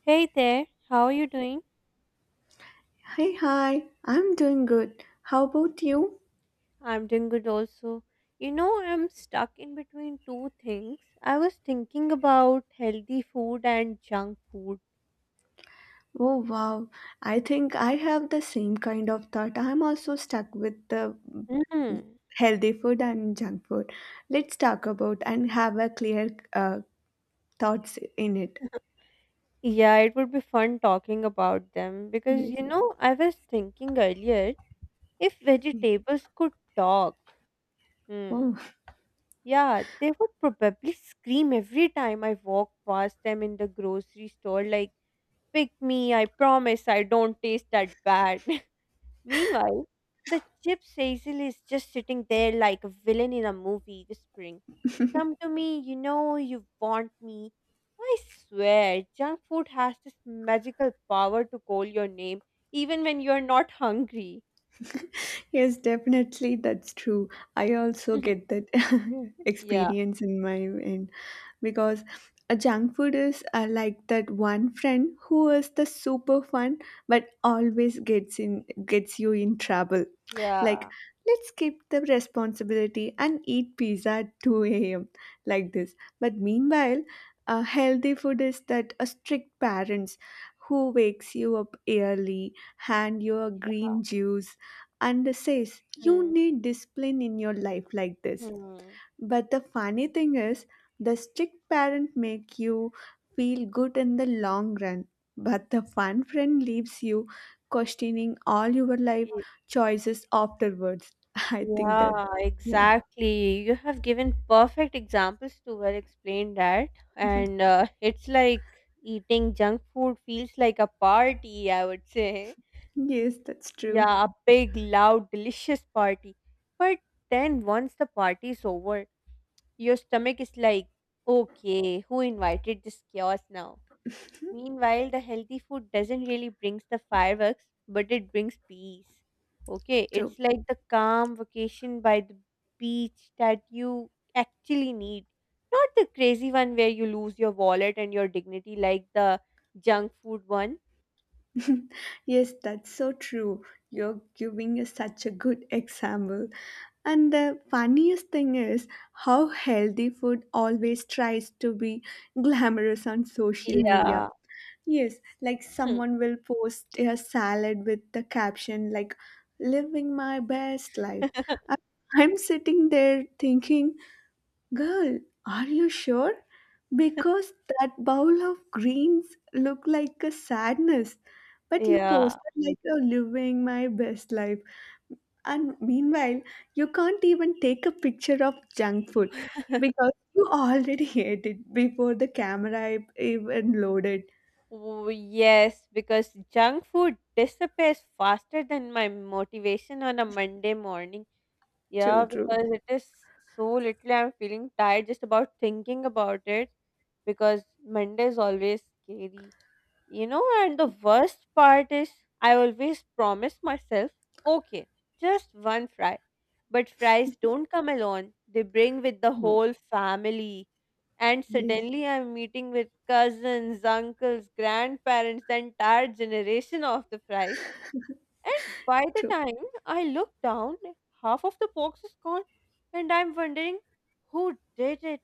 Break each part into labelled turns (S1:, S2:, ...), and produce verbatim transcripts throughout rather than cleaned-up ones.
S1: Hey there, how are you doing?
S2: Hey, hi, I'm doing good. How about you?
S1: I'm doing good also. You know, I'm stuck in between two things. I was thinking about healthy food and junk food.
S2: Oh, wow. I think I have the same kind of thought. I'm also stuck with the
S1: Hmm.
S2: healthy food and junk food. Let's talk about and have a clear uh, thoughts in it.
S1: Yeah, it would be fun talking about them because
S2: Yes.
S1: you know, I was thinking earlier if vegetables could talk. Hmm.
S2: Oh,
S1: Yeah, they would probably scream every time I walk past them in the grocery store like, "Pick me, I promise I don't taste that bad." Meanwhile, the chip Cecil is just sitting there like a villain in a movie, whispering, "Come to me, you know you want me." I swear, junk food has this magical power to call your name even when you're not hungry.
S2: yes, definitely, that's true. I also get that
S1: Yeah,
S2: experience in my end because a junk food is uh, like that one friend who is the super fun but always gets in gets you in trouble, like
S1: yeah.
S2: let's skip the responsibility and eat pizza at two a m like this. But meanwhile, uh, healthy food is that a strict parents who wakes you up early, hand you a green juice, and says you
S1: Mm,
S2: need discipline in your life like this.
S1: hmm.
S2: But the funny thing is, the strict parent make you feel good in the long run, but the fun friend leaves you questioning all your life choices afterwards. I think that,
S1: Yeah,
S2: yeah,
S1: exactly. You have given perfect examples to well explain that. And uh, it's like eating junk food feels like a party, I would say.
S2: yes, that's true.
S1: Yeah, a big, loud, delicious party. But then once the party's over, your stomach is like, okay, who invited this chaos now? Meanwhile, the healthy food doesn't really brings the fireworks, but it brings peace. Okay,
S2: True.
S1: it's like the calm vacation by the beach that you actually need. Not the crazy one where you lose your wallet and your dignity like the junk food one.
S2: Yes, that's so true. You're giving us such a good example. And the funniest thing is how healthy food always tries to be glamorous on social media.
S1: Yeah.
S2: Yes, like
S1: Hmm.
S2: someone will post a salad with the caption like living my best life. I- I'm sitting there thinking, girl, are you sure? Because that bowl of greens look like a sadness. But you
S1: Yeah.
S2: posted like you're living my best life. And meanwhile, you can't even take a picture of junk food because you already ate it before the camera e- even loaded.
S1: Oh, yes, because junk food disappears faster than my motivation on a Monday morning. Yeah,
S2: True, true.
S1: because it is so little. I'm feeling tired just about thinking about it because Monday is always scary, you know. And the worst part is, I always promise myself, okay, just one fry. But fries don't come alone, they bring with the
S2: No.
S1: whole family. And
S2: Yes,
S1: suddenly, I'm meeting with cousins, uncles, grandparents, the entire generation of the fries. And by the
S2: true.
S1: time I look down, half of the box is gone, and I'm wondering who did it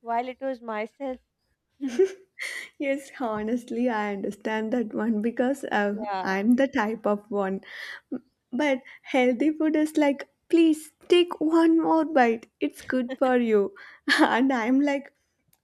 S1: while it was myself.
S2: Yes, honestly, I understand that one because uh,
S1: Yeah.
S2: I'm the type of one. But healthy food is like, please take one more bite. It's good for you. And I'm like,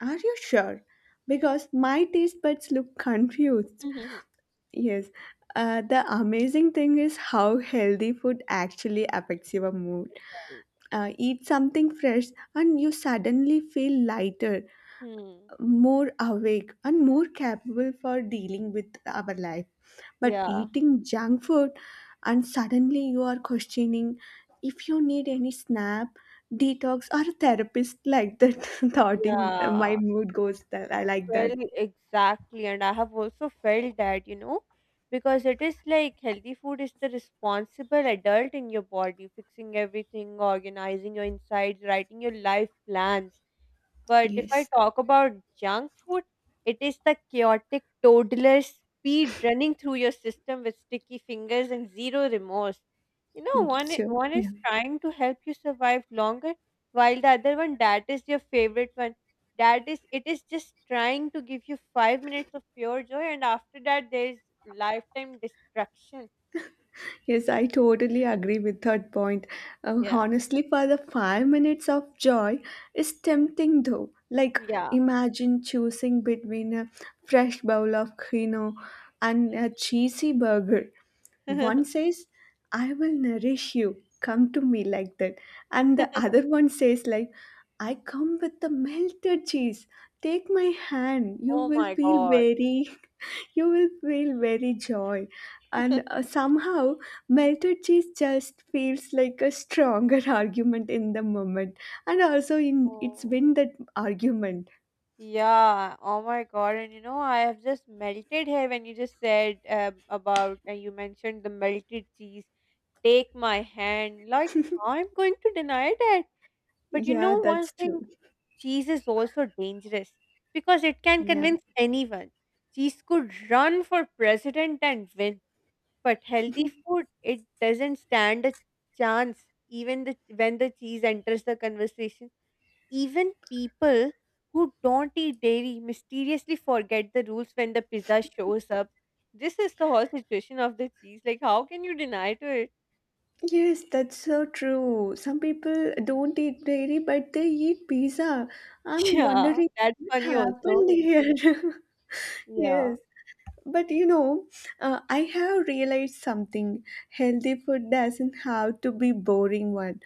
S2: are you sure? Because my taste buds look confused. Yes. Uh, the amazing thing is how healthy food actually affects your mood.
S1: Right.
S2: Uh, eat something fresh and you suddenly feel lighter,
S1: Hmm.
S2: more awake, and more capable for dealing with our life. But
S1: Yeah.
S2: eating junk food, and suddenly you are questioning if you need any snap, detox, or therapist like that. Thoughting
S1: Yeah.
S2: my mood goes that I like
S1: Well,
S2: that.
S1: exactly. And I have also felt that, you know, because it is like healthy food is the responsible adult in your body, fixing everything, organizing your insides, writing your life plans. But if I
S2: Yes,
S1: talk about junk food, it is the chaotic toddler speed running through your system with sticky fingers and zero remorse. You know,
S2: mm,
S1: one i-
S2: sure.
S1: one
S2: Yeah.
S1: is trying to help you survive longer, while the other one, that is your favorite one. That is, it is just trying to give you five minutes of pure joy, and after that, there is lifetime destruction.
S2: Yes, I totally agree with third point. Uh,
S1: Yeah,
S2: honestly, for the five minutes of joy is tempting though. Like,
S1: yeah.
S2: imagine choosing between a fresh bowl of quinoa and a cheesy burger. One says, I will nourish you, come to me like that. And the other one says, like, I come with the melted cheese. Take my hand, you
S1: Oh
S2: will
S1: my
S2: feel
S1: god.
S2: very you will feel very joy and uh, somehow melted cheese just feels like a stronger argument in the moment, and also in it's
S1: Oh.
S2: win that argument.
S1: Yeah, oh my God. And you know, I have just melted here when you just said uh, about, uh, you mentioned the melted cheese. Take my hand. Like, how I'm going to deny that? But you
S2: Yeah,
S1: know, one
S2: that's
S1: thing,
S2: true.
S1: cheese is also dangerous because it can
S2: Yeah,
S1: convince anyone. Cheese could run for president and win, but healthy food, it doesn't stand a chance, even the, when the cheese enters the conversation. Even people who don't eat dairy mysteriously forget the rules when the pizza shows up. This is the whole situation of the cheese. Like, how can you deny to it?
S2: yes, that's so true. Some people don't eat dairy but they eat pizza. I'm
S1: Yeah,
S2: wondering
S1: that's
S2: what
S1: funny also.
S2: happened here.
S1: Yeah.
S2: Yes. But you know, uh, I have realized something. Healthy food doesn't have to be boring one.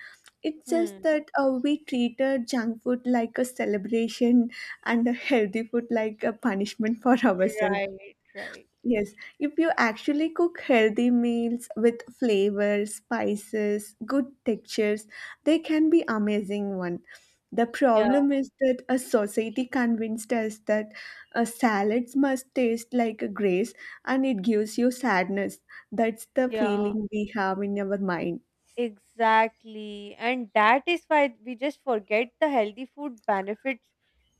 S2: It's just
S1: Hmm.
S2: that uh, we treated junk food like a celebration and a healthy food like a punishment for ourselves.
S1: Right, right.
S2: Yes, if you actually cook healthy meals with flavors, spices, good textures, they can be amazing one. The
S1: Yeah,
S2: problem is that a society convinced us that uh, salads must taste like a grace and it gives you sadness. That's the
S1: yeah.
S2: feeling we have in our mind.
S1: Exactly. And that is why we just forget the healthy food benefits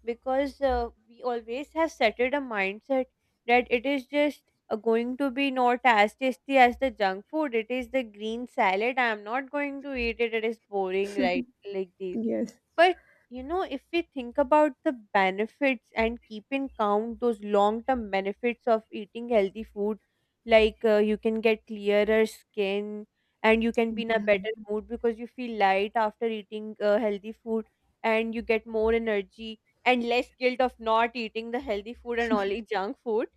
S1: because uh, we always have settled a mindset that it is just uh, going to be not as tasty as the junk food. It is the green salad. I'm not going to eat it. It is boring, right? Like this.
S2: Yes.
S1: But you know, if we think about the benefits and keep in count those long term benefits of eating healthy food, like uh, you can get clearer skin and you can be in a
S2: Yeah.
S1: better mood because you feel light after eating uh, healthy food and you get more energy and less guilt of not eating the healthy food and only junk food.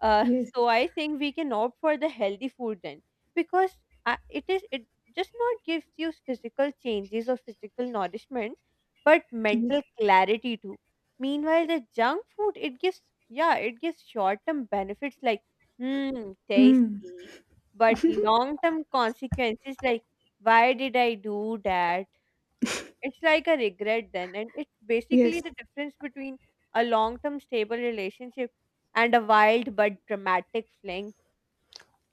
S1: Uh,
S2: Yes.
S1: so I think we can opt for the healthy food then because uh, it is it just not gives you physical changes or physical nourishment but mental
S2: Yes.
S1: clarity too. Meanwhile, the junk food it gives yeah it gives short term benefits like hmm tasty, but long term consequences like why did I do that? It's like a regret then, and it's basically
S2: Yes.
S1: the difference between a long term stable relationship and a wild but dramatic fling.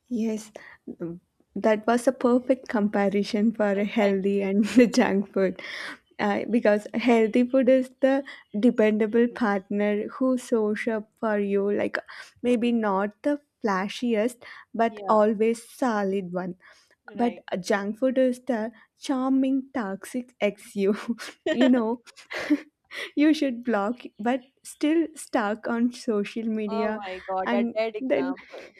S2: Yes, um, that was a perfect comparison for a
S1: Thank
S2: healthy
S1: you.
S2: and the junk food. Uh, because healthy food is the dependable partner who shows up for you, like maybe not the flashiest, but
S1: Yeah,
S2: always solid one. But
S1: right.
S2: junk food is the charming, toxic ex you. you know, you should block, but still stuck on social
S1: Oh
S2: media.
S1: my god, a
S2: And
S1: dead
S2: then
S1: example.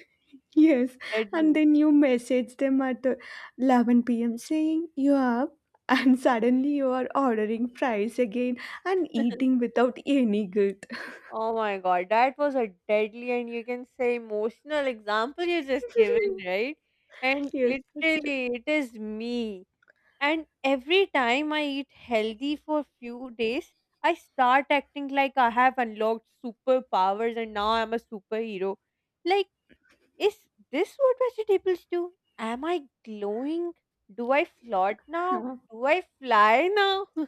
S2: yes, and
S1: Deadly.
S2: then you message them at uh, eleven p m saying you are up, and suddenly you are ordering fries again and eating without any guilt.
S1: Oh my god, that was a deadly and you can say emotional example you just given, right? And
S2: Yes, that's true.
S1: literally, it is me. And every time I eat healthy for few days, I start acting like I have unlocked superpowers and now I'm a superhero. Like, is this what vegetables do? Am I glowing? Do I float now?
S2: Huh.
S1: Do I fly now?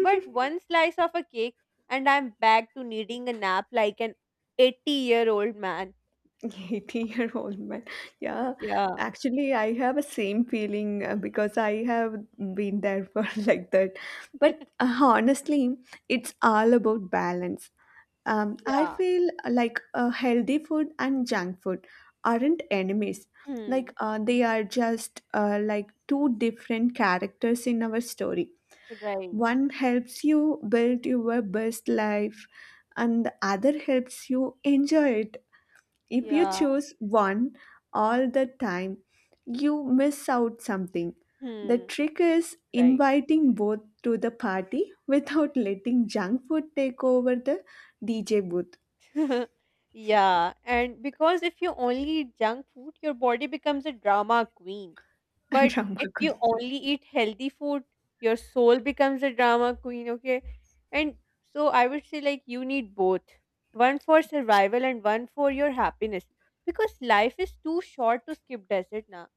S1: But one slice of a cake, and I'm back to needing a nap like an eighty year old man.
S2: eighty-year-old man. Yeah,
S1: Yeah.
S2: actually, I have a same feeling uh, because I have been there for like that. But uh, honestly, it's all about balance. Um, I
S1: Yeah.
S2: feel uh, like uh, healthy food and junk food aren't enemies. Like
S1: Hmm.
S2: uh, they are just uh, like two different characters in our story.
S1: Right.
S2: One helps you build your best life, and the other helps you enjoy it. If you
S1: Yeah.
S2: choose one all the time, you miss out something. The
S1: Hmm.
S2: trick is
S1: Right.
S2: inviting both to the party without letting junk food take over the D J booth.
S1: Yeah. And because if you only eat junk food, your body becomes a drama queen. But
S2: Drama
S1: if
S2: queen.
S1: you only eat healthy food, your soul becomes a drama queen, okay? And so I would say, like, you need both, one for survival and one for your happiness. Because life is too short to skip desert now,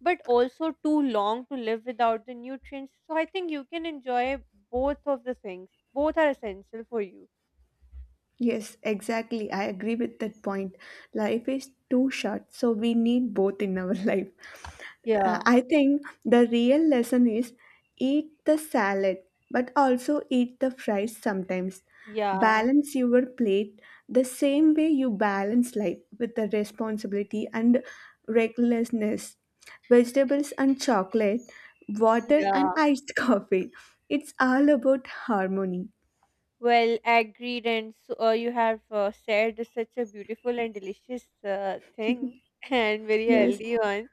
S1: but also too long to live without the nutrients. So I think you can enjoy both of the things, both are essential for you.
S2: Yes, exactly. I agree with that point. Life is too short, so we need both in our life. Uh,
S1: Yeah,
S2: I think the real lesson is eat the salad, but also eat the fries sometimes.
S1: yeah,
S2: Balance your plate the same way you balance life with the responsibility and recklessness. Vegetables and chocolate, water and
S1: yeah.
S2: iced coffee. It's all about harmony.
S1: Well, agreed, and so uh, you have uh, shared such a beautiful and delicious uh, thing and very
S2: Yes,
S1: healthy one.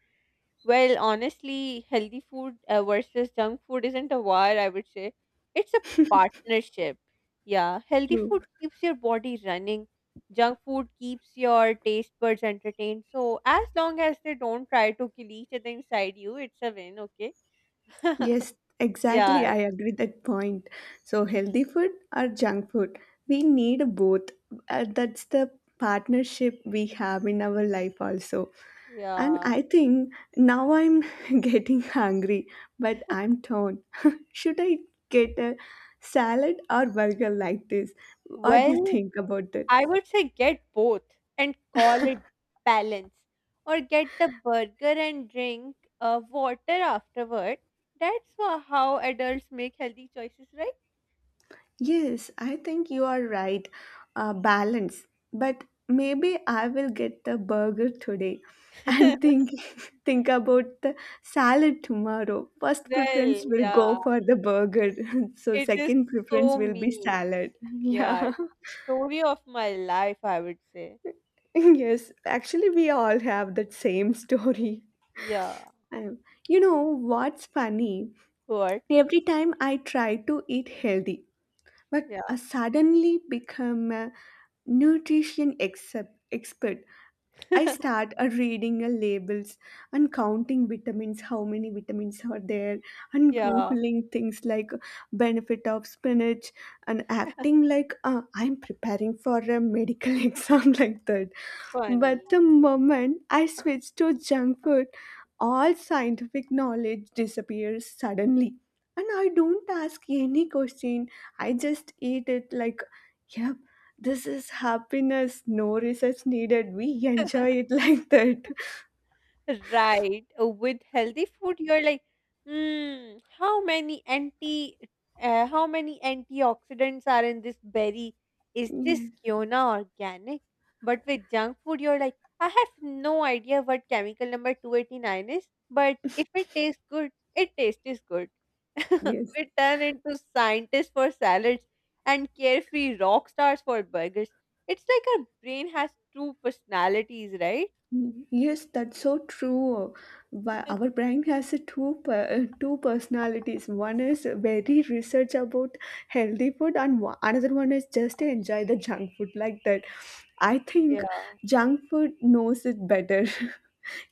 S1: Well, honestly, healthy food uh, versus junk food isn't a war, I would say. It's a partnership. Yeah, healthy
S2: true.
S1: food keeps your body running, junk food keeps your taste buds entertained. So, as long as they don't try to kill each other inside you, it's a win, okay?
S2: Yes, exactly.
S1: Yeah,
S2: I agree with that point. So healthy food or junk food, we need both. Uh, that's the partnership we have in our life also. And
S1: yeah.
S2: I think now I'm getting hungry, but I'm torn. Should I get a salad or burger like this? What do you
S1: Well,
S2: think about that?
S1: I would say get both and call it balance, or get the burger and drink uh, water afterward. That's wha- how adults make healthy choices, right?
S2: Yes, I think you are right. Uh, balance. But maybe I will get the burger today and think think about the salad tomorrow. First
S1: Well,
S2: preference will
S1: yeah,
S2: go for the burger. So
S1: it is
S2: second preference
S1: so
S2: will be
S1: me.
S2: salad. Yeah.
S1: Yeah, story of my life, I would say.
S2: Yes, actually we all have that same story.
S1: Yeah,
S2: Um, you know what's funny?
S1: what?
S2: Every time I try to eat healthy, but uh,
S1: Yeah,
S2: suddenly become a nutrition except, expert. I start uh, reading uh, labels and counting vitamins, how many vitamins are there, and
S1: yeah,
S2: googling things like uh, benefit of spinach, and acting like uh, I'm preparing for a medical exam like that.
S1: funny.
S2: But the moment I switch to junk food, all scientific knowledge disappears suddenly, and I don't ask any question. I just eat it like a this is happiness, no research needed. We enjoy it like that.
S1: Right. Uh, with healthy food, you're like, hmm, how many anti, uh, how many antioxidants are in this berry? Is
S2: Yes,
S1: this Kiona organic? But with junk food, you're like, I have no idea what chemical number two eighty-nine is, but if it tastes good, it tastes is good.
S2: yes.
S1: We turn into scientists for salads and carefree rock stars for burgers. It's like our brain has two personalities, right?
S2: Mm, yes, that's so true. But our brain has a two per- uh, two personalities. One is very research about healthy food, and one, another one is just enjoy the junk food like that. I think
S1: Yeah.
S2: junk food knows it better.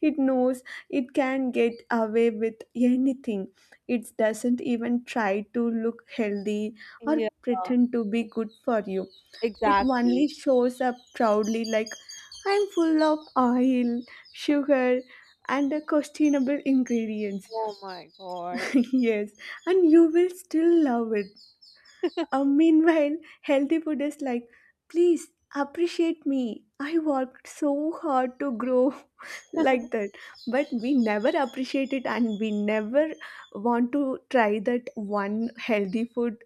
S2: It knows it can get away with anything. It doesn't even try to look healthy or
S1: Yeah,
S2: pretend to be good for you. It
S1: exactly.
S2: only shows up proudly, like, I'm full of oil, sugar, and questionable ingredients.
S1: Oh my God.
S2: Yes, and you will still love it. Uh, meanwhile, healthy food is like, please appreciate me. I worked so hard to grow like that. But we never appreciate it and we never want to try that one healthy food.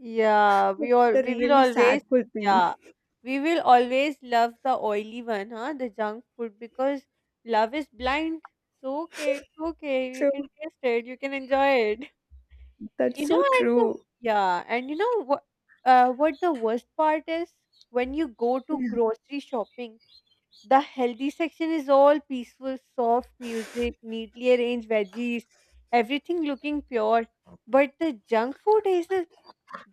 S1: Yeah,
S2: That's
S1: we all
S2: the
S1: we will
S2: really sad
S1: always yeah.
S2: thing.
S1: We will always love the oily one, huh? The junk food because love is blind. So okay, it's okay. You
S2: So
S1: can taste it, you can enjoy it.
S2: that's
S1: You know,
S2: so
S1: and the,
S2: true.
S1: yeah, and you know what uh what the worst part is, when you go to
S2: Yeah.
S1: grocery shopping. The healthy section is all peaceful, soft music, neatly arranged veggies, everything looking pure. But the junk food is a,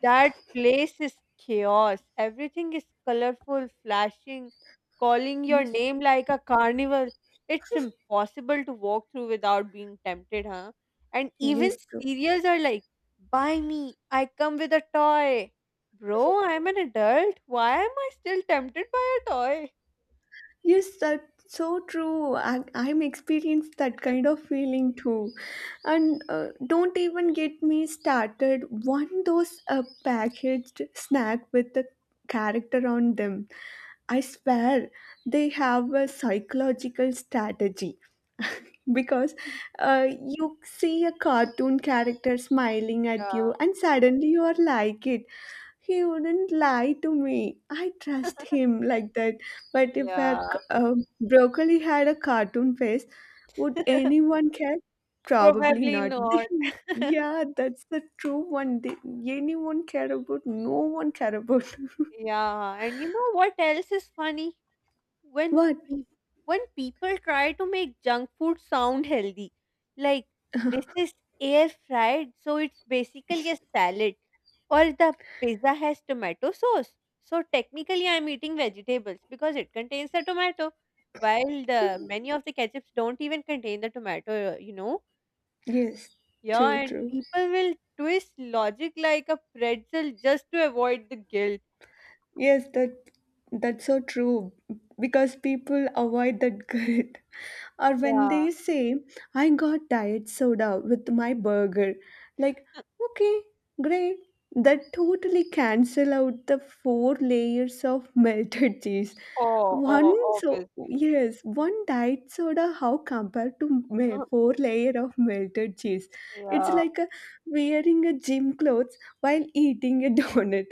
S1: that place is chaos. Everything is colorful, flashing, calling your
S2: Yes.
S1: name like a carnival. It's impossible to walk through without being tempted, huh? And even
S2: Yes, true.
S1: cereals are like, buy me, I come with a toy. Bro, I'm an adult. Why am I still tempted by a toy?
S2: Yes, that's so true. I, I'm experienced that kind of feeling too. And uh, don't even get me started. One those uh, packaged snack with the character on them. I swear they have a psychological strategy. Because uh, you see a cartoon character smiling at you
S1: Yeah.
S2: and suddenly you are like it he wouldn't lie to me. I trust him like that. But if a,
S1: Yeah.
S2: c- a broccoli had a cartoon face, would anyone care? Probably
S1: Probably
S2: not.
S1: not.
S2: Yeah, that's the true one. They- Anyone care about? No one care about.
S1: Yeah, and you know what else is funny? When
S2: What?
S1: pe- when people try to make junk food sound healthy, like, this is air fried, so it's basically a salad, or the pizza has tomato sauce. So technically, I'm eating vegetables because it contains the tomato, while the many of the ketchups don't even contain the tomato, you know.
S2: Yes,
S1: Yeah,
S2: true,
S1: and
S2: true.
S1: people will twist logic like a pretzel just to avoid the guilt.
S2: Yes, that that's so true because people avoid that grit. Or when
S1: Yeah.
S2: they say, I got diet soda with my burger, like, okay, great. That totally cancel out the four layers of melted cheese.
S1: Oh,
S2: One
S1: oh,
S2: So
S1: obviously.
S2: yes, one diet soda how compared to me- four layer of melted cheese. It's
S1: Yeah.
S2: like a, wearing a gym clothes while eating a donut,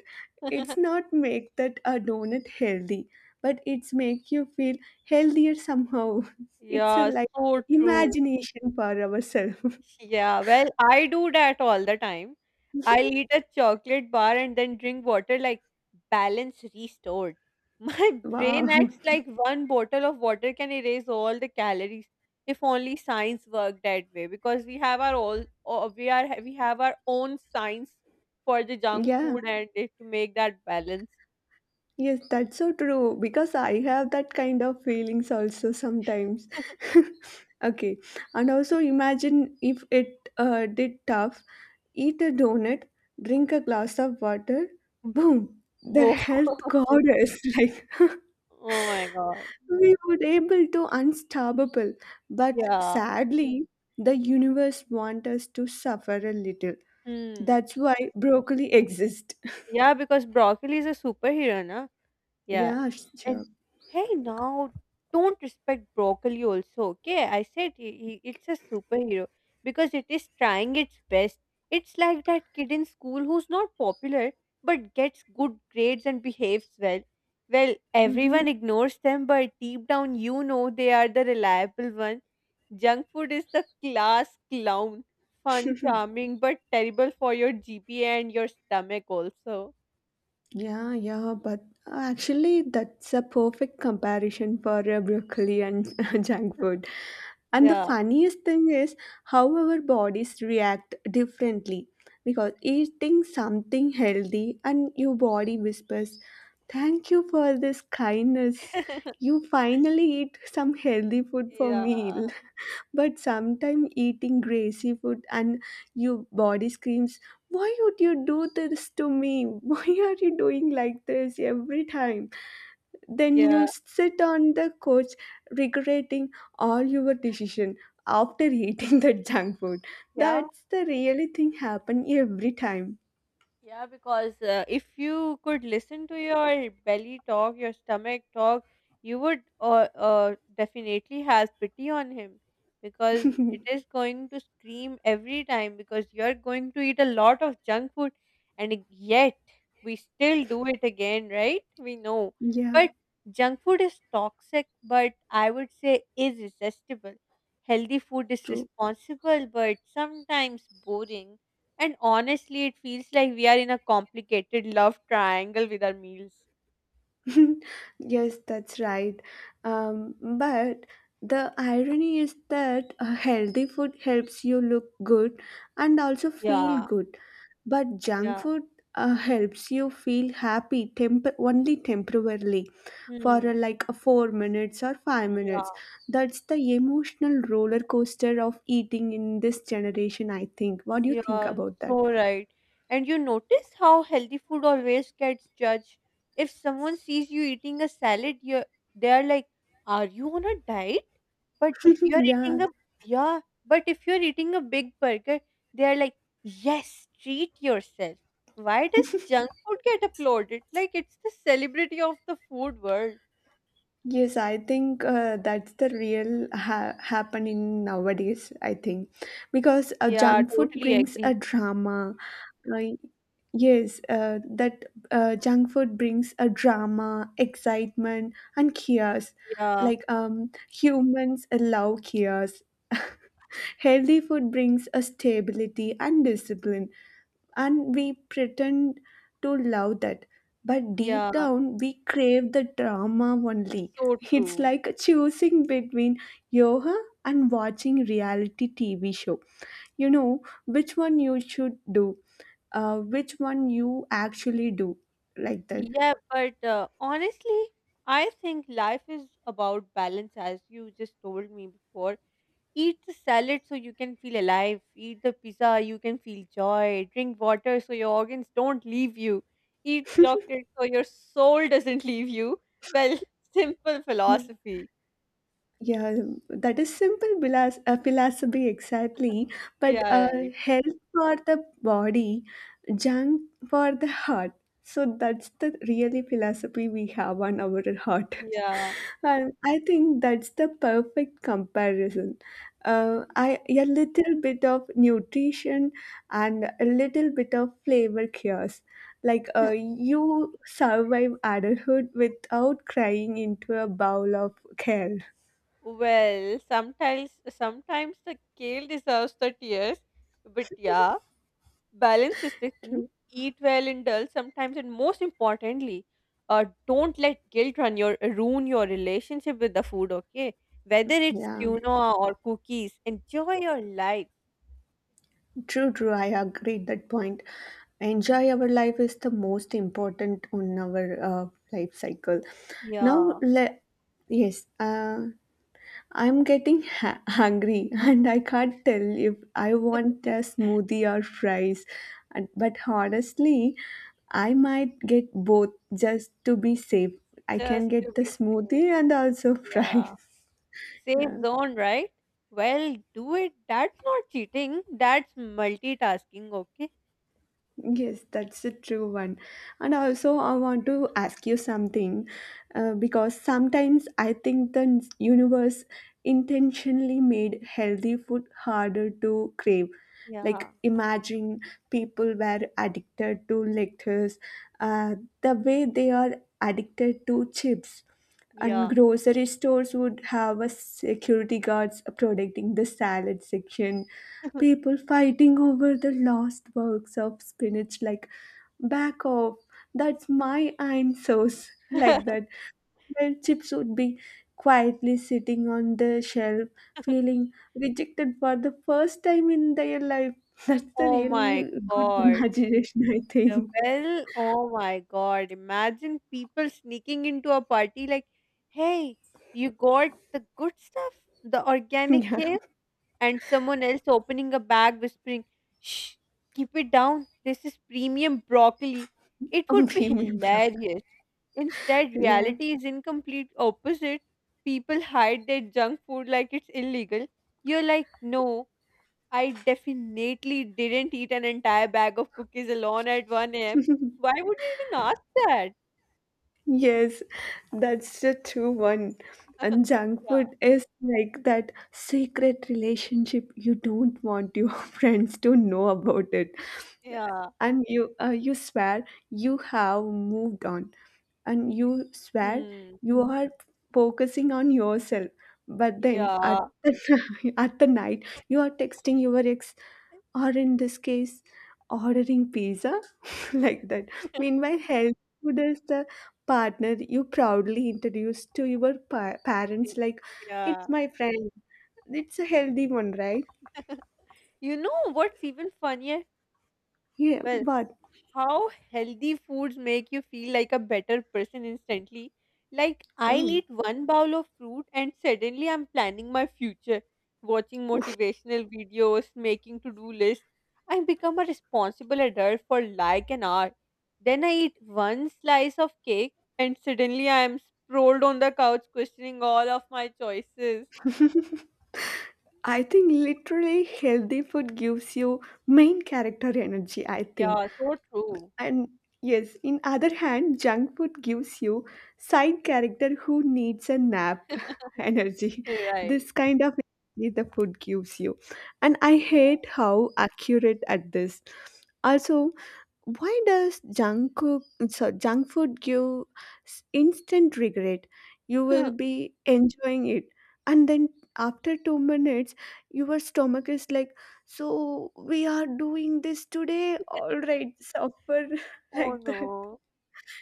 S2: it's not make that a donut healthy, but it's make you feel healthier somehow. It's a
S1: Yeah,
S2: like
S1: so true.
S2: imagination for ourselves.
S1: Yeah, well, I do that all the time. I'll eat a chocolate bar and then drink water like balance restored. My
S2: Wow.
S1: brain acts like one bottle of water can erase all the calories. If only science worked that way, because we have our all, o- we are we have our own science for the junk
S2: Yeah,
S1: food and it to make that balance.
S2: yes, that's so true because I have that kind of feelings also sometimes. Okay, and also imagine if it uh, did tough, eat a donut, drink a glass of water, boom, the
S1: Oh,
S2: health goddess. Like,
S1: oh my God.
S2: we would able to unstoppable, but
S1: Yeah.
S2: sadly the universe want us to suffer a little.
S1: Hmm.
S2: That's why broccoli exists.
S1: Yeah, because broccoli is a superhero, na? Yeah.
S2: Yeah,
S1: And
S2: sure.
S1: hey, now don't respect broccoli also, okay? I said he, he, it's a superhero because it is trying its best. It's like that kid in school who's not popular but gets good grades and behaves well. Well,
S2: Mm-hmm.
S1: everyone ignores them, but deep down, you know they are the reliable one. Junk food is the class clown. Fun, charming, but terrible for your G P A and your stomach also.
S2: Yeah, yeah, but actually, that's a perfect comparison for uh, broccoli and junk food. And the
S1: Yeah.
S2: funniest thing is how our bodies react differently because eating something healthy and your body whispers, thank you for this kindness. You finally eat some healthy food for me.
S1: Yeah.
S2: But sometimes eating greasy food and your body screams, why would you do this to me? Why are you doing like this every time? Then
S1: Yeah,
S2: you sit on the couch regretting all your decision after eating that junk food.
S1: yeah,
S2: That's the really thing happen every time.
S1: yeah, because uh, if you could listen to your belly talk, your stomach talk, you would uh, uh, definitely have pity on him because it is going to scream every time because you're going to eat a lot of junk food and yet we still do it again, right? We know.
S2: Yeah,
S1: But junk food is toxic, but I would say is irresistible. Healthy food is
S2: true.
S1: responsible, but sometimes boring. And honestly, it feels like we are in a complicated love triangle with our meals.
S2: Yes, that's right. Um, but the irony is that a healthy food helps you look good and also feel
S1: Yeah,
S2: good. But junk
S1: yeah.
S2: food uh, helps you feel happy temp- only temporarily for uh,
S1: Hmm.
S2: like uh, four minutes or five
S1: Yeah,
S2: minutes. That's the emotional roller coaster of eating in this generation, I think. What do you think
S1: yeah,
S2: about that?
S1: so right. And you notice how healthy food always gets judged. If someone sees you eating a salad, you they are like, "Are you on a diet?" But if you are
S2: Yeah.
S1: eating a yeah, but if you are eating a big burger, they are like, "Yes, treat yourself." Why does junk food get applauded? Like it's the celebrity of the food world.
S2: Yes, I think uh, that's the real ha- happening nowadays. I think because uh,
S1: Yeah,
S2: junk food
S1: totally
S2: brings a
S1: agree.
S2: drama. Like, yes, uh, that uh, junk food brings a drama, excitement, and chaos.
S1: Yeah,
S2: Like um, humans love chaos. Healthy food brings a stability and discipline and we pretend to love that, but deep
S1: yeah,
S2: down we crave the drama only.
S1: so
S2: It's
S1: true.
S2: like choosing between yoga and watching reality TV show. You know which one you should do, uh, which one you actually do, like that.
S1: Yeah, but uh, honestly, I think life is about balance, as you just told me before. Eat the salad so you can feel alive. Eat the pizza, you can feel joy. Drink water so your organs don't leave you. Eat chocolate so your soul doesn't leave you. Well, simple
S2: Yeah.
S1: philosophy.
S2: Yeah, that is simple philas- uh, philosophy exactly. But uh,
S1: Yeah, right.
S2: health for the body, junk for the heart. So that's the really philosophy we have on our heart.
S1: Yeah,
S2: And I think that's the perfect comparison. Uh, I a little bit of nutrition and a little bit of flavor cures. Like uh, you survive adulthood without crying into a bowl of kale.
S1: well, sometimes sometimes the kale deserves the tears, but yeah, balance is the key.
S2: True.
S1: Eat well, indulge sometimes, and most importantly, uh, don't let guilt run your ruin your relationship with the food. Okay, whether it's
S2: Yeah.
S1: quinoa or cookies, enjoy your life.
S2: True, true. I agree at that point. Enjoy our life is the most important on our uh, life cycle. Now,
S1: Yeah,
S2: le- yes, uh, I'm getting ha- hungry and I can't tell if I want a smoothie or fries. And- But honestly, I might get both just to be safe. I can
S1: just to
S2: get the
S1: be safe.
S2: smoothie and also
S1: Yeah,
S2: fries.
S1: safe
S2: Yeah.
S1: zone, right? Well, do it. That's not cheating. That's multitasking. Okay.
S2: Yes, that's a true one. And also, I want to ask you something uh, because sometimes I think the n- universe intentionally made healthy food harder to crave. Like,
S1: Yeah.
S2: imagine people were addicted to lettuce, uh, the way they are addicted to chips. And
S1: Yeah.
S2: grocery stores would have a security guards protecting the salad section, people fighting over the lost works of spinach like, back off, that's my answers. Like that, where chips would be quietly sitting on the shelf, feeling rejected for the first time in their life. That's the
S1: Oh
S2: really
S1: my
S2: good
S1: god.
S2: imagination, I
S1: Uh,
S2: think.
S1: Well, oh my god. Imagine people sneaking into a party like, hey, you got the good stuff, the organic
S2: Yeah,
S1: kale, and someone else opening a bag whispering, shh, keep it down. This is premium broccoli. It
S2: on
S1: would be
S2: premium bro.
S1: hilarious. Instead,
S2: Yeah.
S1: reality is incomplete opposite. People hide their junk food like it's illegal. You're like, no. I definitely didn't eat an entire bag of cookies alone at one a m. Why would you even ask that?
S2: Yes, that's the true one. And junk
S1: Yeah,
S2: food is like that secret relationship you don't want your friends to know about it.
S1: yeah.
S2: And you uh, you swear you have moved on, and you swear
S1: Hmm.
S2: you are focusing on yourself, but then at
S1: Yeah.
S2: the, at the night, you are texting your ex, or in this case, ordering pizza. Like that, meanwhile health food is the partner you proudly introduce to your pa- parents like, it's
S1: Yeah.
S2: my friend, it's a healthy one, right?
S1: You know what's even funnier?
S2: Yeah,
S1: Well,
S2: but
S1: how healthy foods make you feel like a better person instantly. Like, I'll
S2: wow,
S1: eat one bowl of fruit and suddenly I'm planning my future, watching motivational videos, making to do lists. I become a responsible adult for like an hour. Then I eat one slice of cake and suddenly I am sprawled on the couch questioning all of my choices.
S2: I think literally healthy food gives you main character energy, I think.
S1: Yeah, so true.
S2: And yes, in other hand, junk food gives you side character who needs a nap energy.
S1: Right.
S2: This kind of energy the food gives you. And I
S1: Yeah.
S2: hate how accurate at this. Also, why does junk cook, so junk food give s- instant regret. You will be enjoying it, and then after two minutes your stomach is like, so we are doing this today, all right, suffer.
S1: Oh
S2: Like that.
S1: no.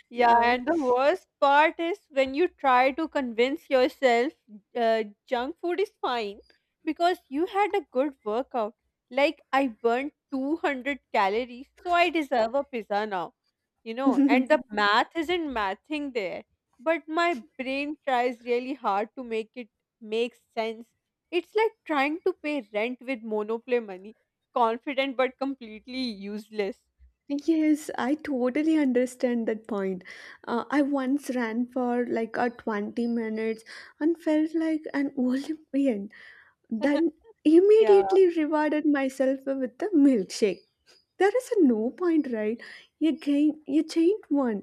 S1: Yeah,
S2: Yeah.
S1: and the worst part is when you try to convince yourself uh, junk food is fine because you had a good workout. Like, I burned two hundred calories, so I deserve a pizza now, you know. And the math isn't mathing there, but my brain tries really hard to make it make sense. It's like trying to pay rent with Monopoly money, confident but completely useless.
S2: Yes, I totally understand that point. Uh, I once ran for like a twenty minutes and felt like an Olympian. Then
S1: Yeah.
S2: immediately rewarded myself with a milkshake. There is a no point, right? You gain, you change one,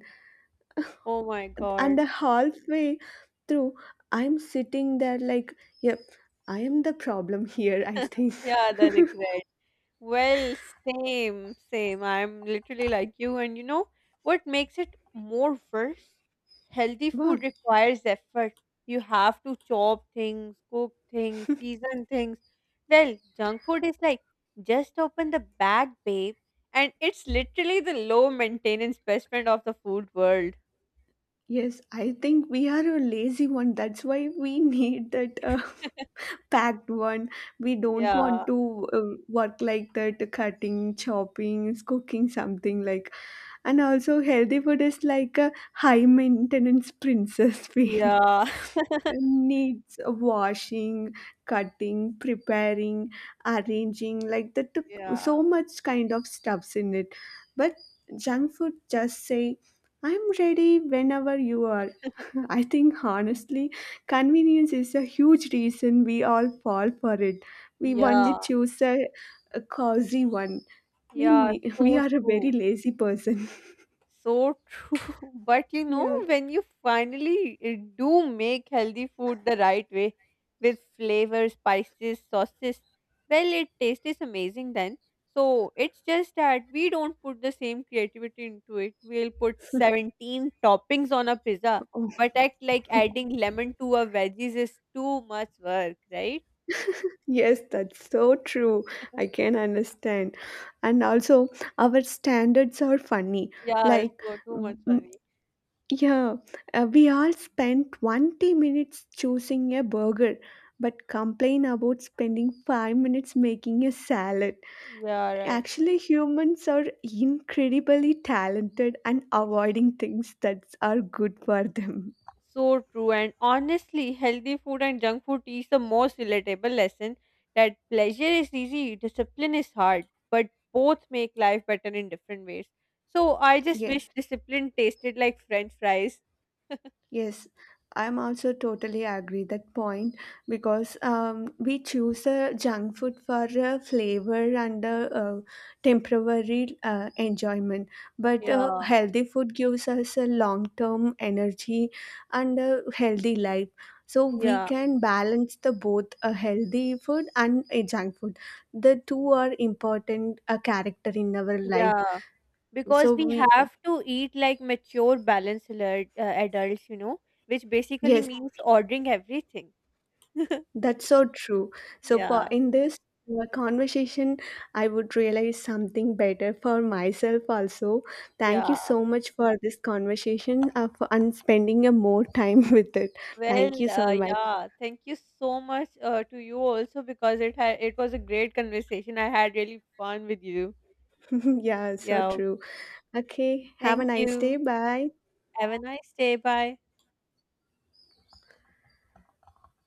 S1: Oh my
S2: and
S1: God.
S2: the halfway through, I'm sitting there like, yep, I am the problem here, I think.
S1: Yeah, the regret. Well, same, same. I'm literally like you. And you know what makes it more worse? Healthy
S2: Well,
S1: food requires effort. You have to chop things, cook things, season things. Well, junk food is like just open the bag, babe. And it's literally the low maintenance best friend of the food world.
S2: yes, I think we are a lazy one. That's why we need that uh, packed one. We don't
S1: Yeah,
S2: want to uh, work like that, cutting, chopping, cooking something like. And also, healthy food is like a high maintenance princess feel.
S1: yeah.
S2: Needs washing, cutting, preparing, arranging, like that took
S1: Yeah,
S2: so much kind of stuffs in it. But junk food just say, I'm ready whenever you are. I think honestly, convenience is a huge reason we all fall for it. We only
S1: yeah,
S2: choose a, a cozy one. We
S1: yeah.
S2: ne- we
S1: So
S2: are a very
S1: true.
S2: lazy person.
S1: So true. But you know,
S2: Yeah.
S1: when you finally uh, do make healthy food the right way with flavors, spices, sauces, well, it tastes is amazing then. So it's just that we don't put the same creativity into it. We'll put seventeen toppings on a pizza,
S2: Oh,
S1: but act like adding lemon to our veggies is too much work, right?
S2: yes, that's so true. I can understand. And also, our standards are funny.
S1: Yeah,
S2: Like,
S1: so too
S2: mm,
S1: much
S2: mm,
S1: funny.
S2: yeah, uh, we all spend twenty minutes choosing a burger, but complain about spending five minutes making a salad.
S1: Yeah, right.
S2: Actually, humans are incredibly talented and avoiding things that are good for them.
S1: So true. And honestly, healthy food and junk food teach the most relatable lesson that pleasure is easy, discipline is hard, but both make life better in different ways. So I just
S2: Yeah.
S1: wish discipline tasted like French fries.
S2: Yes, I'm also totally agree that point because um, we choose a junk food for uh, flavor and uh, uh, temporary uh, enjoyment, but uh,
S1: Yeah,
S2: healthy food gives us a long-term energy and a healthy life. So we
S1: yeah,
S2: can balance the both a healthy food and a junk food. The two are important uh, character in our life.
S1: yeah.
S2: So
S1: Because we
S2: we uh,
S1: have to eat like mature, balanced alert, uh, adults, you know, which basically
S2: yes.
S1: means ordering everything.
S2: That's so true. So for
S1: Yeah,
S2: in this uh, conversation, I would realize something better for myself also. Thank you
S1: yeah.
S2: so much for this conversation uh, for, and spending a more time with it.
S1: Well,
S2: Thank you so
S1: uh,
S2: much.
S1: yeah, thank you so much uh, to you also because it had it was a great conversation. I had really fun with you.
S2: Yeah, so
S1: Yeah,
S2: true. Okay, have a
S1: thank
S2: nice day.
S1: you.
S2: Bye.
S1: Have a nice day. Bye.